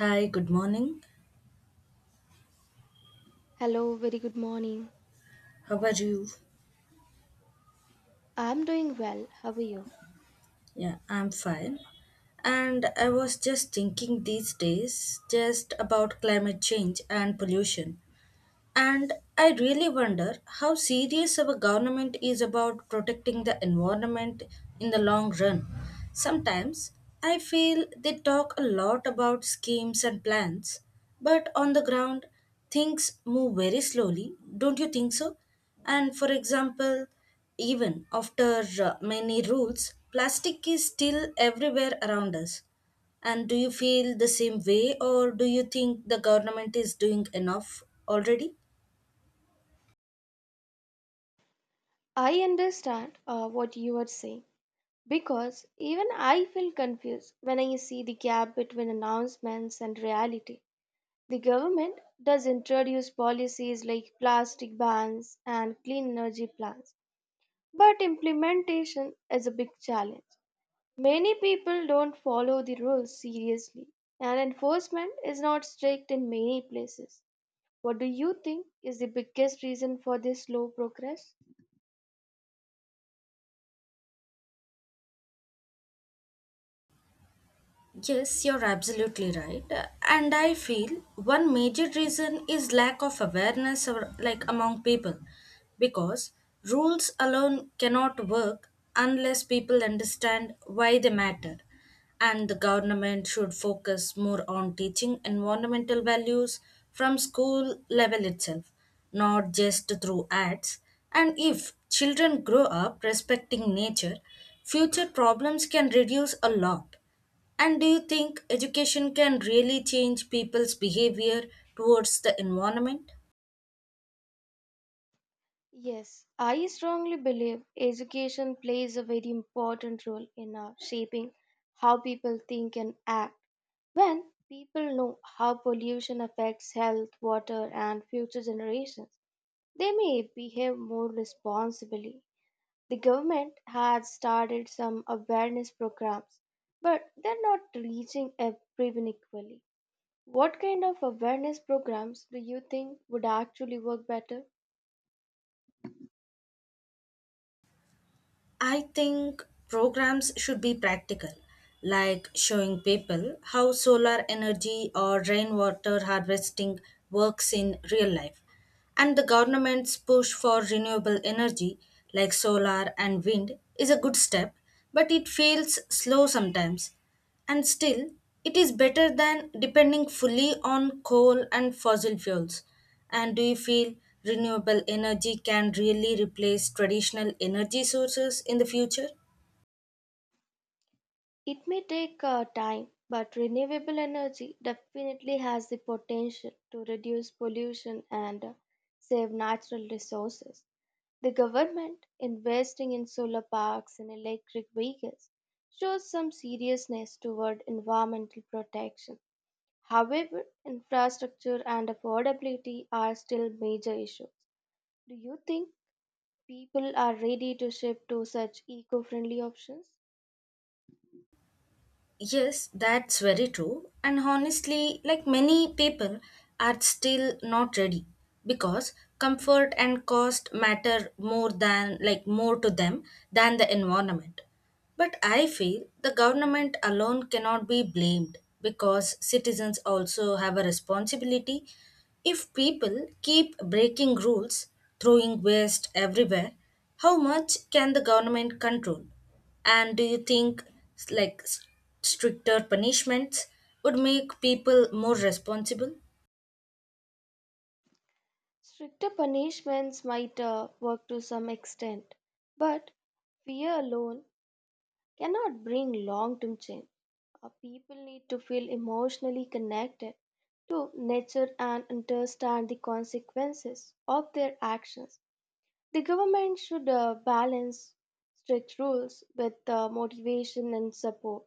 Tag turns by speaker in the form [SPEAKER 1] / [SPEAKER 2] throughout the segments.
[SPEAKER 1] Hi, good morning.
[SPEAKER 2] Hello, very good morning.
[SPEAKER 1] How are you?
[SPEAKER 2] I'm doing well. How are you?
[SPEAKER 1] Yeah, I'm fine. And I was just thinking these days just about climate change and pollution. And I really wonder how serious our government is about protecting the environment in the long run. Sometimes I feel they talk a lot about schemes and plans, but on the ground, things move very slowly, don't you think so? And for example, even after many rules, plastic is still everywhere around us. And do you feel the same way, or do you think the government is doing enough already?
[SPEAKER 2] I understand what you are saying because even I feel confused when I see the gap between announcements and reality. The government does introduce policies like plastic bans and clean energy plans, but implementation is a big challenge. Many people don't follow the rules seriously, and enforcement is not strict in many places. What do you think is the biggest reason for this slow progress?
[SPEAKER 1] Yes, you're absolutely right. And I feel one major reason is lack of awareness or like among people because rules alone cannot work unless people understand why they matter. And the government should focus more on teaching environmental values from school level itself, not just through ads. And if children grow up respecting nature, future problems can reduce a lot and do you think education can really change people's behavior towards the environment?
[SPEAKER 2] Yes, I strongly believe education plays a very important role in shaping how people think and act. When people know how pollution affects health, water, and future generations, they may behave more responsibly. The government has started some awareness programs, but they're not reaching everyone equally. What kind of awareness programs do you think would actually work better?
[SPEAKER 1] I think programs should be practical, like showing people how solar energy or rainwater harvesting works in real life. And the government's push for renewable energy, like solar and wind, is a good step, but it feels slow sometimes. And still, it is better than depending fully on coal and fossil fuels. And do you feel renewable energy can really replace traditional energy sources in the future?
[SPEAKER 2] It may take time, but renewable energy definitely has the potential to reduce pollution and save natural resources. The government investing in solar parks and electric vehicles shows some seriousness toward environmental protection. However, infrastructure and affordability are still major issues. Do you think people are ready to shift to such eco friendly options?
[SPEAKER 1] Yes, that's very true. And honestly, like many people are still not ready because comfort and cost matter more than like more to them than the environment. But I feel the government alone cannot be blamed because citizens also have a responsibility. If people keep breaking rules, throwing waste everywhere, how much can the government control? And do you think s- like s- stricter punishments would make people more responsible?
[SPEAKER 2] Stricter punishments might work to some extent, but fear alone cannot bring long term change. People need to feel emotionally connected to nature and understand the consequences of their actions. The government should balance strict rules with motivation and support.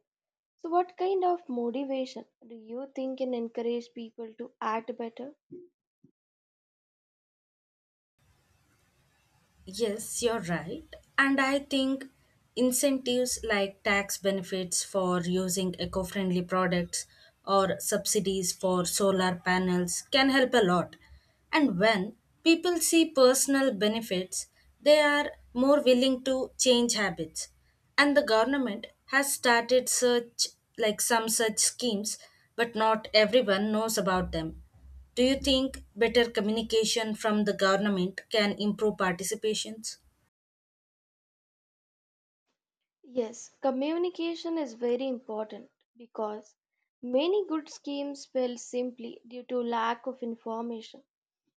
[SPEAKER 2] So, what kind of motivation do you think can encourage people to act better?
[SPEAKER 1] Yes, you're right. And I think incentives like tax benefits for using eco friendly products or subsidies for solar panels can help a lot. And when people see personal benefits, they are more willing to change habits. And the government has started such like some such schemes, but not everyone knows about them. Do you think better communication from the government can improve participations?
[SPEAKER 2] Yes, communication is very important because many good schemes fail simply due to lack of information.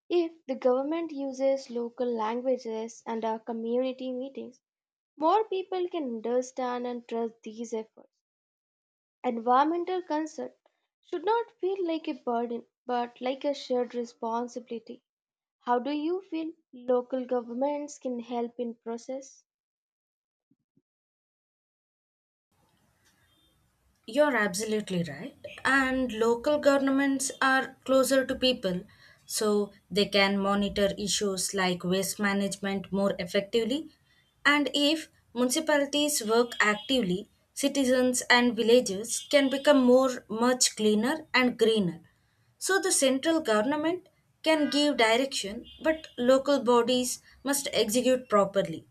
[SPEAKER 2] If the government uses local languages and our community meetings, more people can understand and trust these efforts. Environmental concern should not feel like a burden but like a shared responsibility. How do you feel local governments can help in process?
[SPEAKER 1] You're absolutely right. And local governments are closer to people, so they can monitor issues like waste management more effectively. And if municipalities work actively, citizens and villages can become more much cleaner and greener. So the central government can give direction, but local bodies must execute properly.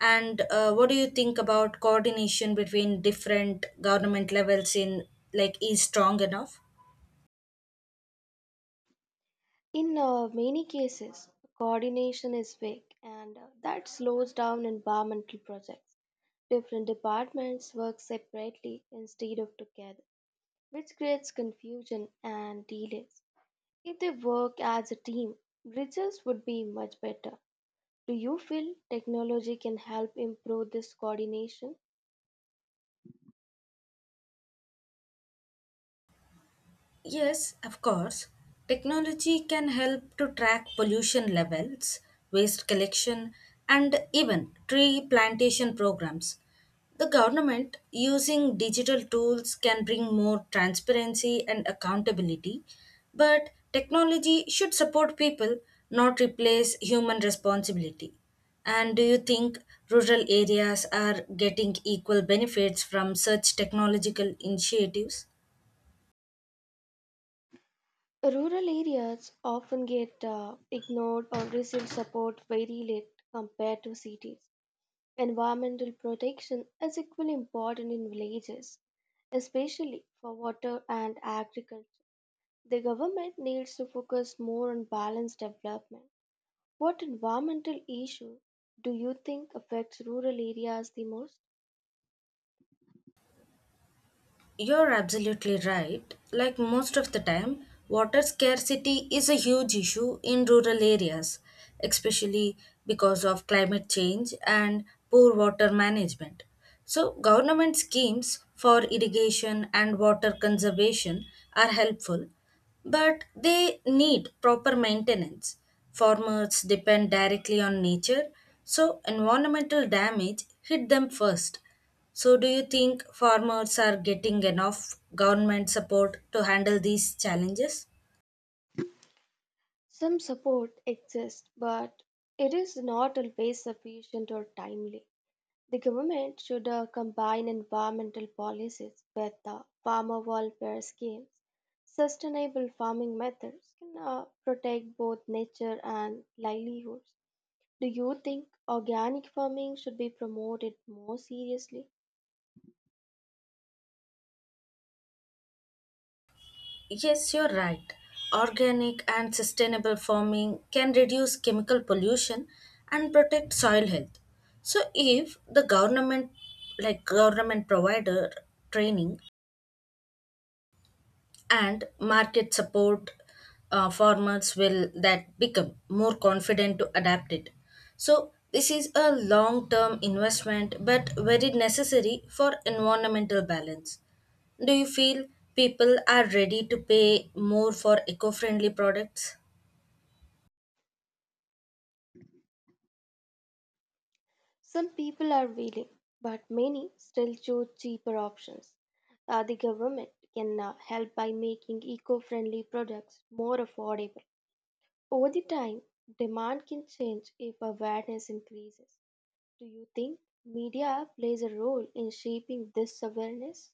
[SPEAKER 1] And what do you think about coordination between different government levels in like is strong enough?
[SPEAKER 2] In many cases, coordination is weak and that slows down environmental projects. Different departments work separately instead of together, which creates confusion and delays. If they work as a team, results would be much better. Do you feel technology can help improve this coordination?
[SPEAKER 1] Yes, of course. Technology can help to track pollution levels, waste collection, and even tree plantation programs. The government, using digital tools, can bring more transparency and accountability, but technology should support people, not replace human responsibility. And do you think rural areas are getting equal benefits from such technological initiatives?
[SPEAKER 2] Rural areas often get ignored or receive support very late compared to cities. Environmental protection is equally important in villages, especially for water and agriculture. The government needs to focus more on balanced development. What environmental issue do you think affects rural areas the most?
[SPEAKER 1] You're absolutely right. Like most of the time, water scarcity is a huge issue in rural areas, especially because of climate change and poor water management. So, government schemes for irrigation and water conservation are helpful, but they need proper maintenance. Farmers depend directly on nature, so environmental damage hit them first. So, do you think farmers are getting enough government support to handle these challenges?
[SPEAKER 2] Some support exists, but it is not always sufficient or timely. The government should combine environmental policies with farmer welfare schemes. Sustainable farming methods can protect both nature and livelihoods. Do you think organic farming should be promoted more seriously?
[SPEAKER 1] Yes, you're right. Organic and sustainable farming can reduce chemical pollution and protect soil health. So if the government like government provider training and market support farmers will that become more confident to adapt it so this is a long term investment but very necessary for environmental balance do you feel people are ready to pay more for eco friendly products.
[SPEAKER 2] Some people are willing, but many still choose cheaper options. The government can help by making eco friendly products more affordable. Over the time, demand can change if awareness increases. Do you think media plays a role in shaping this awareness?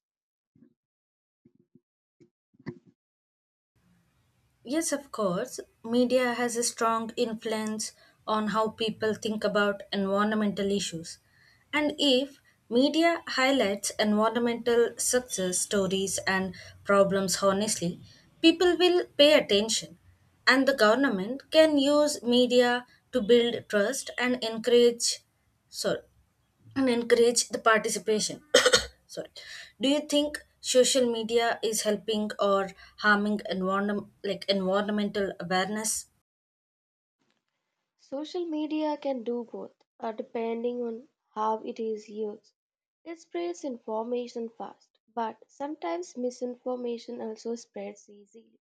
[SPEAKER 1] Yes, of course. Media has a strong influence on how people think about environmental issues. And if media highlights environmental success stories and problems honestly, people will pay attention. And the government can use media to build trust and encourage sorry and encourage the participation. Sorry. Do you think social media is helping or harming environment, like environmental awareness?
[SPEAKER 2] Social media can do both, depending on how it is used. It spreads information fast, but sometimes misinformation also spreads easily.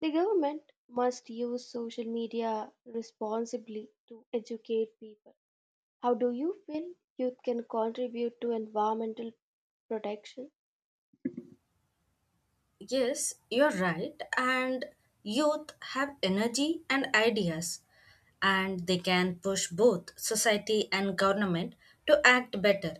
[SPEAKER 2] The government must use social media responsibly to educate people. How do you feel youth can contribute to environmental protection?
[SPEAKER 1] Yes, you're right. And youth have energy and ideas, and they can push both society and government to act better.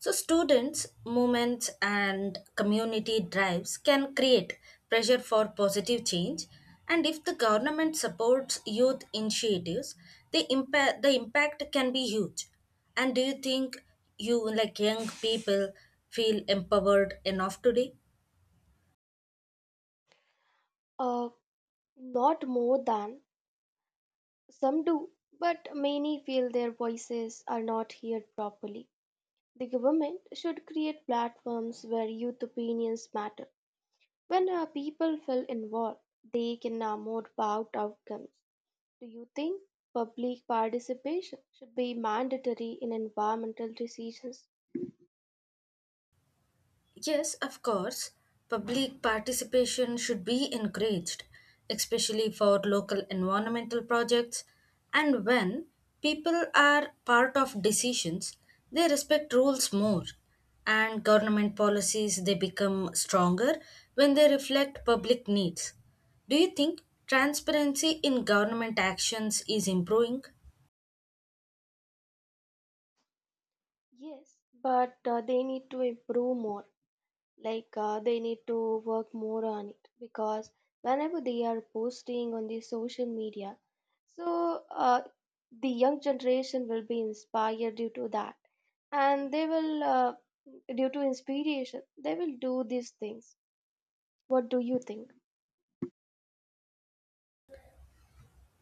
[SPEAKER 1] So, students, movements, and community drives can create pressure for positive change. And if the government supports youth initiatives, the impact can be huge. And do you think you, like young people, feel empowered enough today?
[SPEAKER 2] Uh, Not more than some do, but many feel their voices are not heard properly. The government should create platforms where youth opinions matter. When people feel involved, they can more about outcomes. Do you think public participation should be mandatory in environmental decisions?
[SPEAKER 1] Yes, of course. Public participation should be encouraged, especially for local environmental projects. And when people are part of decisions, they respect rules more. And government policies they become stronger when they reflect public needs. Do you think transparency in government actions is improving?
[SPEAKER 2] Yes, but they need to improve more. Like they need to work more on it because whenever they are posting on the social media, so the young generation will be inspired due to that, and they will, due to inspiration, they will do these things. What do you think?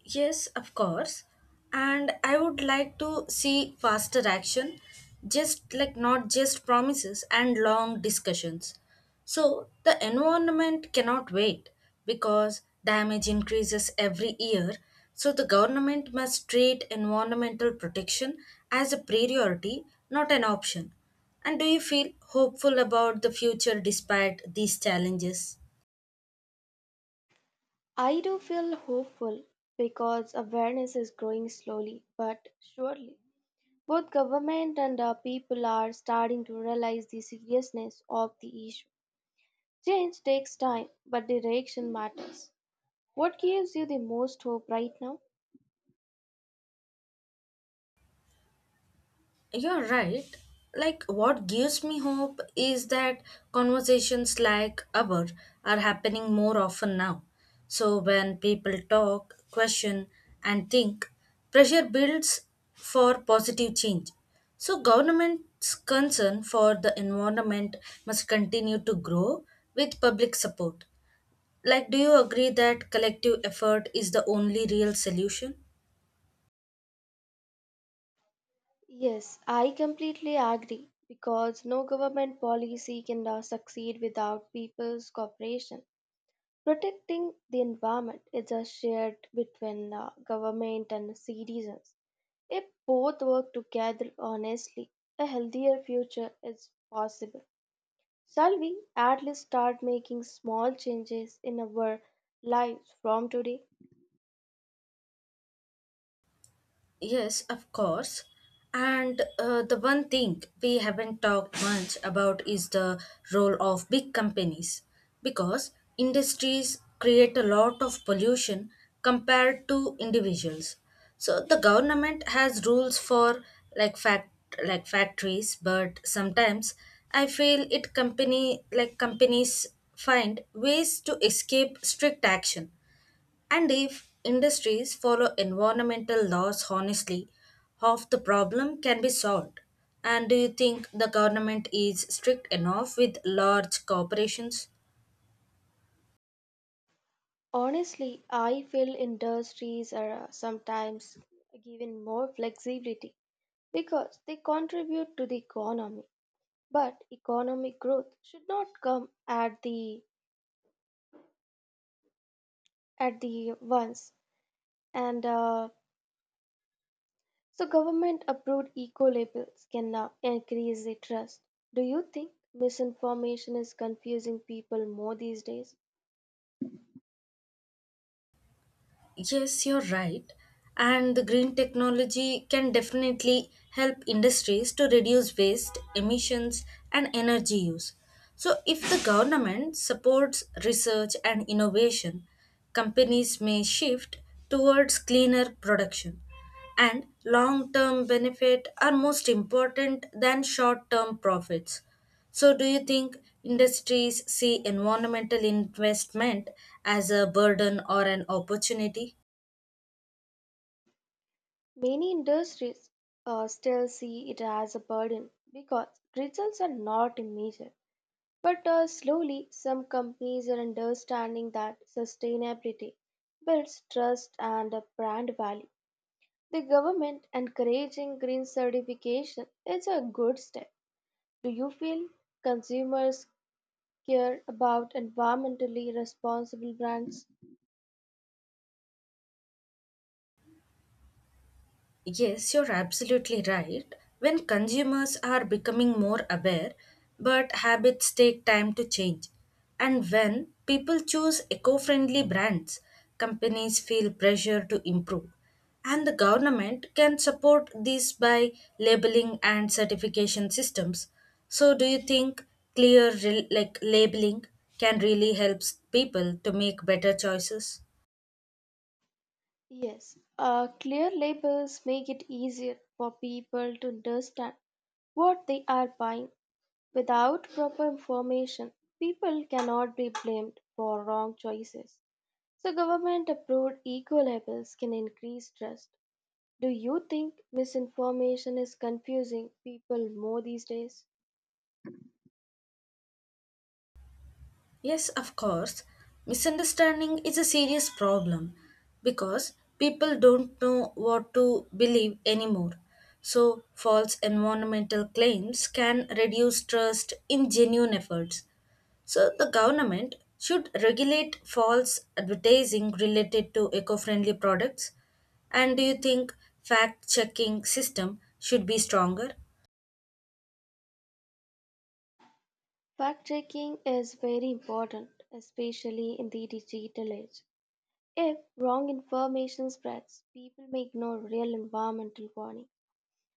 [SPEAKER 1] Yes, of course. And I would like to see faster action, just like not just promises and long discussions. So the environment cannot wait because damage increases every year. So the government must treat environmental protection as a priority, not an option. And do you feel hopeful about the future despite these challenges?
[SPEAKER 2] I do feel hopeful because awareness is growing slowly but surely. Both government and people are starting to realize the seriousness of the issue. Change takes time, but the direction matters. What gives you the most hope right now?
[SPEAKER 1] You're right. Like, what gives me hope is that conversations like ours are happening more often now. So, when people talk, question, and think, pressure builds for positive change. So, government's concern for the environment must continue to grow with public support. Like, do you agree that collective effort is the only real solution?
[SPEAKER 2] Yes, I completely agree because no government policy can succeed without people's cooperation. Protecting the environment is a shared between government and citizens. If both work together honestly, a healthier future is possible. Shall we at least start making small changes in our lives from today?
[SPEAKER 1] Yes, of course. And the one thing we haven't talked much about is the role of big companies because industries create a lot of pollution compared to individuals. So the government has rules for like fact like factories, but sometimes I feel it company like companies find ways to escape strict action and if industries follow environmental laws honestly, half the problem can be solved. And do you think the government is strict enough with large corporations?
[SPEAKER 2] Honestly, I feel industries are sometimes given more flexibility because they contribute to the economy. But economic growth should not come at the once. And so, government approved eco labels can now increase the trust. Do you think misinformation is confusing people more these days?
[SPEAKER 1] Yes, you're right. And the green technology can definitely help industries to reduce waste, emissions, and energy use. So, if the government supports research and innovation, companies may shift towards cleaner production. And long term benefit are most important than short term profits. So, do you think industries see environmental investment as a burden or an opportunity?
[SPEAKER 2] Many industries still see it as a burden because results are not immediate. But slowly, some companies are understanding that sustainability builds trust and a brand value. The government encouraging green certification is a good step. Do you feel consumers care about environmentally responsible brands?
[SPEAKER 1] Yes, you're absolutely right. When consumers are becoming more aware, but habits take time to change. And when people choose eco friendly brands, companies feel pressure to improve. And the government can support this by labeling and certification systems. So, do you think clear labeling can really help people to make better choices?
[SPEAKER 2] Yes, clear labels make it easier for people to understand what they are buying. Without proper information, people cannot be blamed for wrong choices. So, government approved eco labels can increase trust. Do you think misinformation is confusing people more these days?
[SPEAKER 1] Yes, of course. Misunderstanding is a serious problem because people don't know what to believe anymore. So, false environmental claims can reduce trust in genuine efforts. So, the government should regulate false advertising related to eco friendly products. And do you think fact checking system should be stronger?
[SPEAKER 2] Fact checking is very important, especially in the digital age. If wrong information spreads, people may ignore real environmental warning.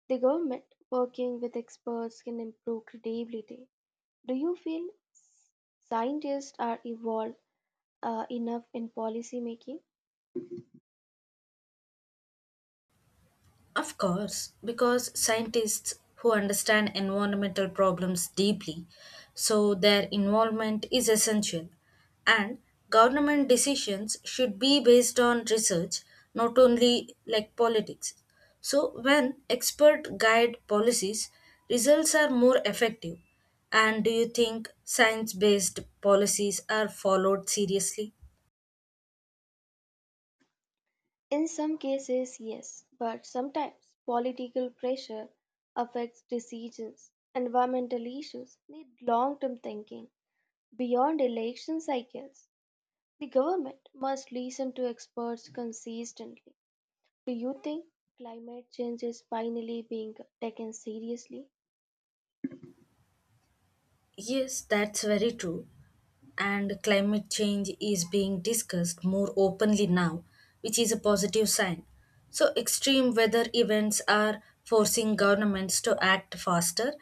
[SPEAKER 2] The government, working with experts, can improve credibility. Do you feel scientists are involved enough in policy making?
[SPEAKER 1] Of course, because scientists who understand environmental problems deeply, so their involvement is essential. And government decisions should be based on research, not only like politics. So when expert guide policies, results are more effective. And do you think science based policies are followed seriously?
[SPEAKER 2] In some cases, yes, but sometimes political pressure affects decisions. Environmental issues need long term thinking beyond election cycles. The government must listen to experts consistently. Do you think climate change is finally being taken seriously?
[SPEAKER 1] Yes, that's very true. And climate change is being discussed more openly now, which is a positive sign. So, extreme weather events are forcing governments to act faster,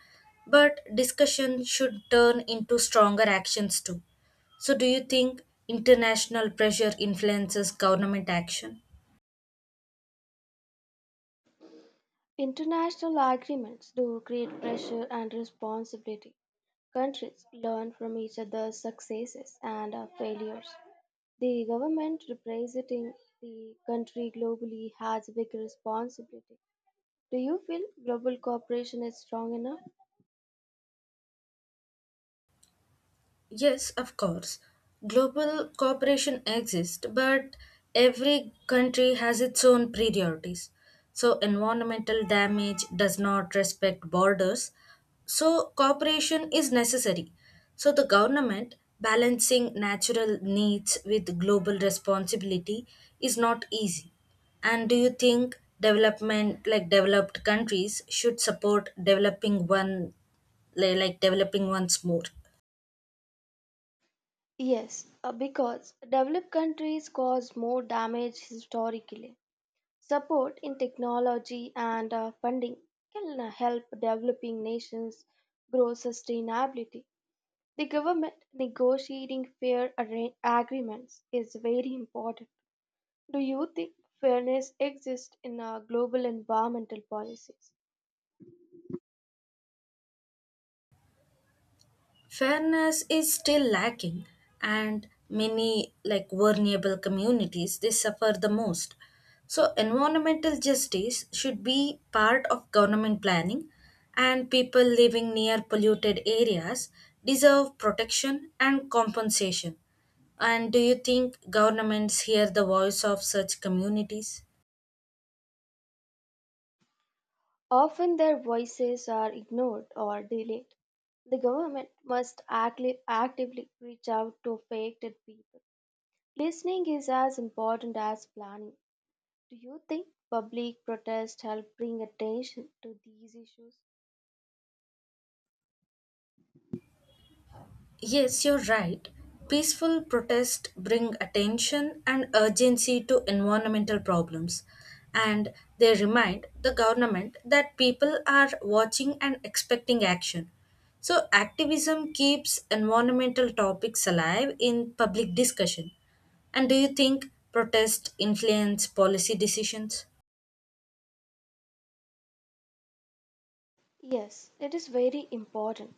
[SPEAKER 1] but discussion should turn into stronger actions too. So, do you think international pressure influences government action?
[SPEAKER 2] International agreements do create pressure and responsibility. Countries learn from each other's successes and failures. The government representing the country globally has a big responsibility. Do you feel global cooperation is strong enough?
[SPEAKER 1] Yes, of course. Global cooperation exists, but every country has its own priorities. So, environmental damage does not respect borders. So, cooperation is necessary. So, the government balancing natural needs with global responsibility is not easy. And do you think development, like developed countries, should support developing one, like, developing ones more?
[SPEAKER 2] Yes, because developed countries cause more damage historically. Support in technology and funding can help developing nations grow sustainability. The government negotiating fair agreements is very important. Do you think fairness exists in our global environmental policies?
[SPEAKER 1] Fairness is still lacking and many like vulnerable communities they suffer the most so environmental justice should be part of government planning and people living near polluted areas deserve protection and compensation and do you think governments hear the voice of such communities.
[SPEAKER 2] Often their voices are ignored or delayed. The government must actively reach out to affected people. Listening is as important as planning. Do you think public protest help bring attention to these issues?
[SPEAKER 1] Yes, you're right. Peaceful protests bring attention and urgency to environmental problems, and they remind the government that people are watching and expecting action. So, activism keeps environmental topics alive in public discussion. And do you think protests influence policy decisions?
[SPEAKER 2] Yes, it is very important.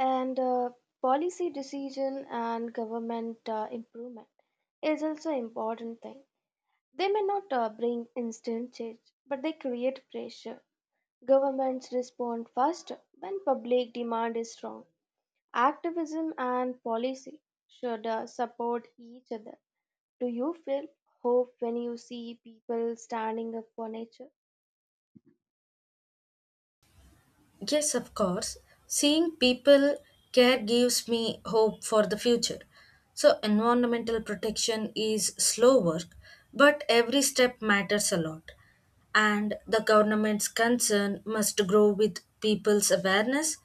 [SPEAKER 2] And policy decision and government improvement is also an important thing. They may not bring instant change, but they create pressure. Governments respond faster when public demand is strong. Activism and policy should support each other. Do you feel hope when you see people standing up for nature?
[SPEAKER 1] Yes, of course. Seeing people care gives me hope for the future. So, environmental protection is slow work, but every step matters a lot. And the government's concern must grow with people's awareness.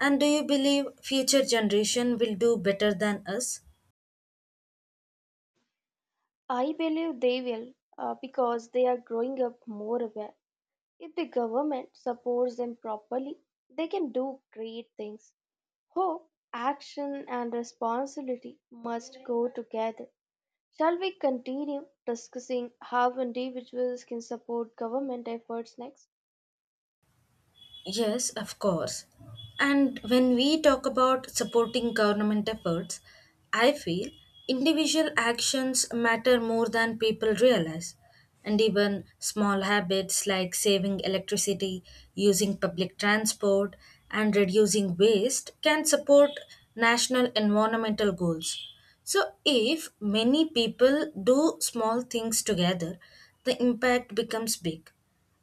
[SPEAKER 1] And do you believe future generation will do better than us?
[SPEAKER 2] I believe they will, because they are growing up more aware. If the government supports them properly, they can do great things. Hope, action, and responsibility must go together. Shall we continue discussing how individuals can support government efforts next?
[SPEAKER 1] Yes, of course. And when we talk about supporting government efforts, I feel individual actions matter more than people realize. And even small habits like saving electricity, using public transport, and reducing waste can support national environmental goals. So, if many people do small things together, the impact becomes big.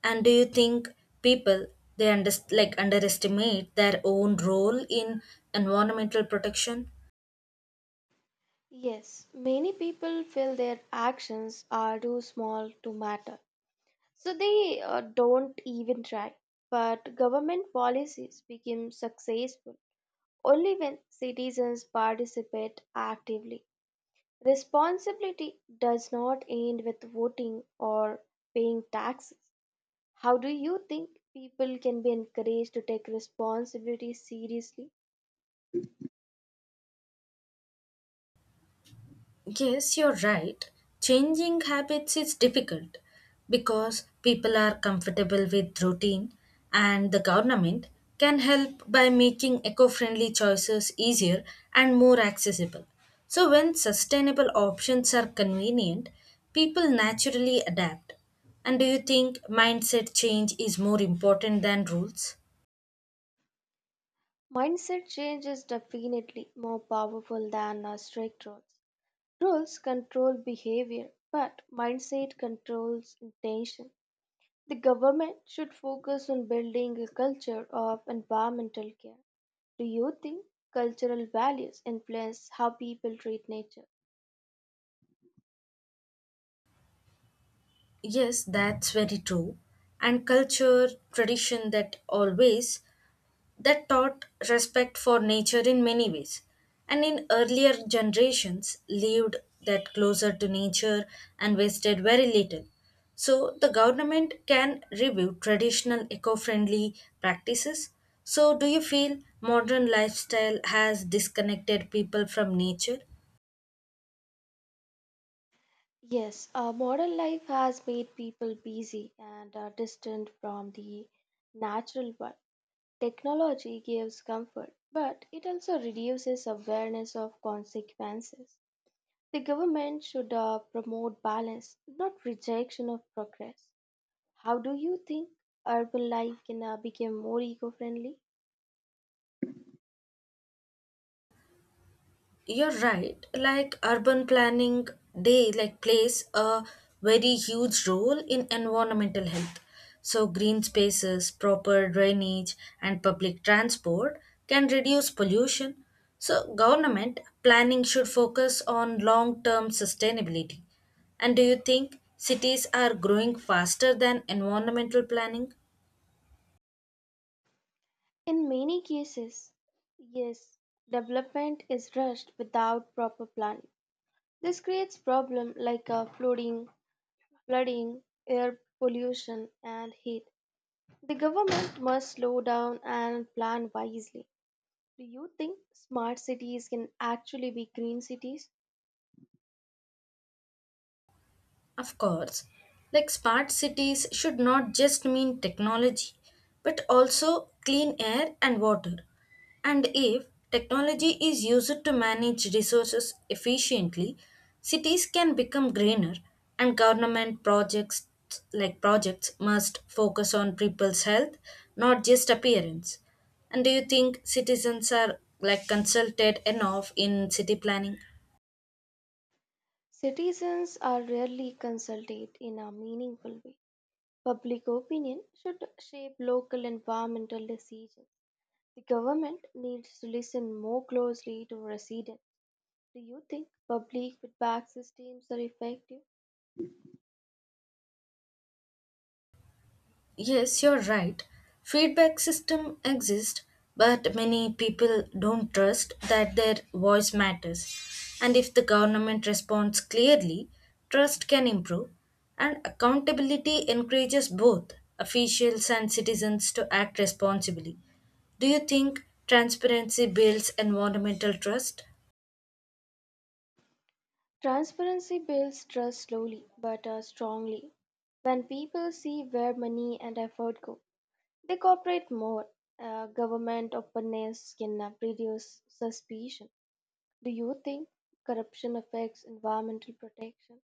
[SPEAKER 1] And do you think people they under, like underestimate their own role in environmental protection?
[SPEAKER 2] Yes, many people feel their actions are too small to matter, so they don't even try. But government policies become successful only when citizens participate actively. Responsibility does not end with voting or paying taxes. How do you think people can be encouraged to take responsibility seriously?
[SPEAKER 1] Yes, you're right. Changing habits is difficult because people are comfortable with routine and the government can help by making eco-friendly choices easier and more accessible. So when sustainable options are convenient, people naturally adapt. And do you think mindset change is more important than rules?
[SPEAKER 2] Mindset change is definitely more powerful than strict rules. Rules control behavior, but mindset controls intention. The government should focus on building a culture of environmental care. Do you think cultural values influence how people treat nature?
[SPEAKER 1] Yes, that's very true. And culture, tradition that always that taught respect for nature in many ways and in earlier generations lived that closer to nature and wasted very little so the government can review traditional eco-friendly practices so do you feel modern lifestyle has disconnected people from nature.
[SPEAKER 2] Yes, modern life has made people busy and are distant from the natural one. Technology gives comfort, but it also reduces awareness of consequences. The government should promote balance, not rejection of progress. How do you think urban life can become more eco friendly?
[SPEAKER 1] You're right. Like urban planning, they like plays a very huge role in environmental health. So green spaces, proper drainage, and public transport can reduce pollution. So government planning should focus on long-term sustainability. And do you think cities are growing faster than environmental planning?
[SPEAKER 2] In many cases, yes, development is rushed without proper planning. This creates problems like flooding flooding, air pollution, and heat. The government must slow down and plan wisely. Do you think smart cities can actually be green cities?
[SPEAKER 1] Of course, like smart cities should not just mean technology, but also clean air and water. And if technology is used to manage resources efficiently, cities can become greener and government projects like projects must focus on people's health, not just appearance. And do you think citizens are like consulted enough in city planning?
[SPEAKER 2] Citizens are rarely consulted in a meaningful way. Public opinion should shape local environmental decisions. The government needs to listen more closely to residents. Do you think public feedback systems are effective?
[SPEAKER 1] Yes, you're right. Feedback system exist, but many people don't trust that their voice matters. And if the government responds clearly, trust can improve. And accountability encourages both officials and citizens to act responsibly. Do you think transparency builds environmental trust?
[SPEAKER 2] Transparency builds trust slowly but strongly. When people see where money and effort go, they cooperate more. Government openness can reduce suspicion. Do you think corruption affects environmental protection?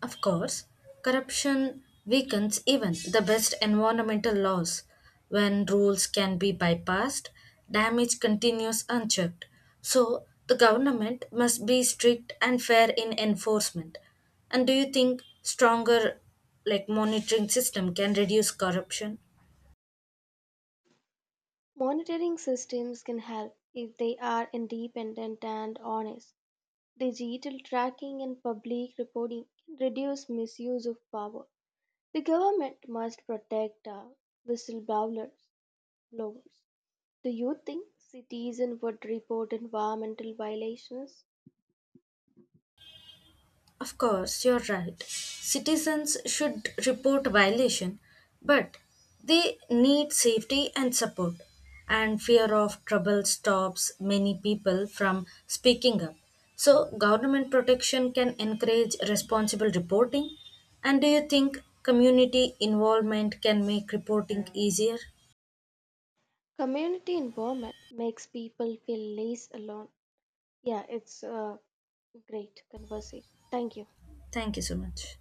[SPEAKER 1] Of course, corruption weakens even the best environmental laws. When rules can be bypassed, damage continues unchecked. So, the government must be strict and fair in enforcement. And do you think stronger like monitoring system can reduce corruption?
[SPEAKER 2] Monitoring systems can help if they are independent and honest. Digital tracking and public reporting can reduce misuse of power. The government must protect whistleblowers. Blowers. Do you think citizen would report environmental violations?
[SPEAKER 1] Of course, you're right. Citizens should report violation, but they need safety and support. And fear of trouble stops many people from speaking up. So, government protection can encourage responsible reporting. And do you think community involvement can make reporting easier?
[SPEAKER 2] Community involvement makes people feel less alone. Yeah, it's a great conversation. Thank you.
[SPEAKER 1] Thank you so much.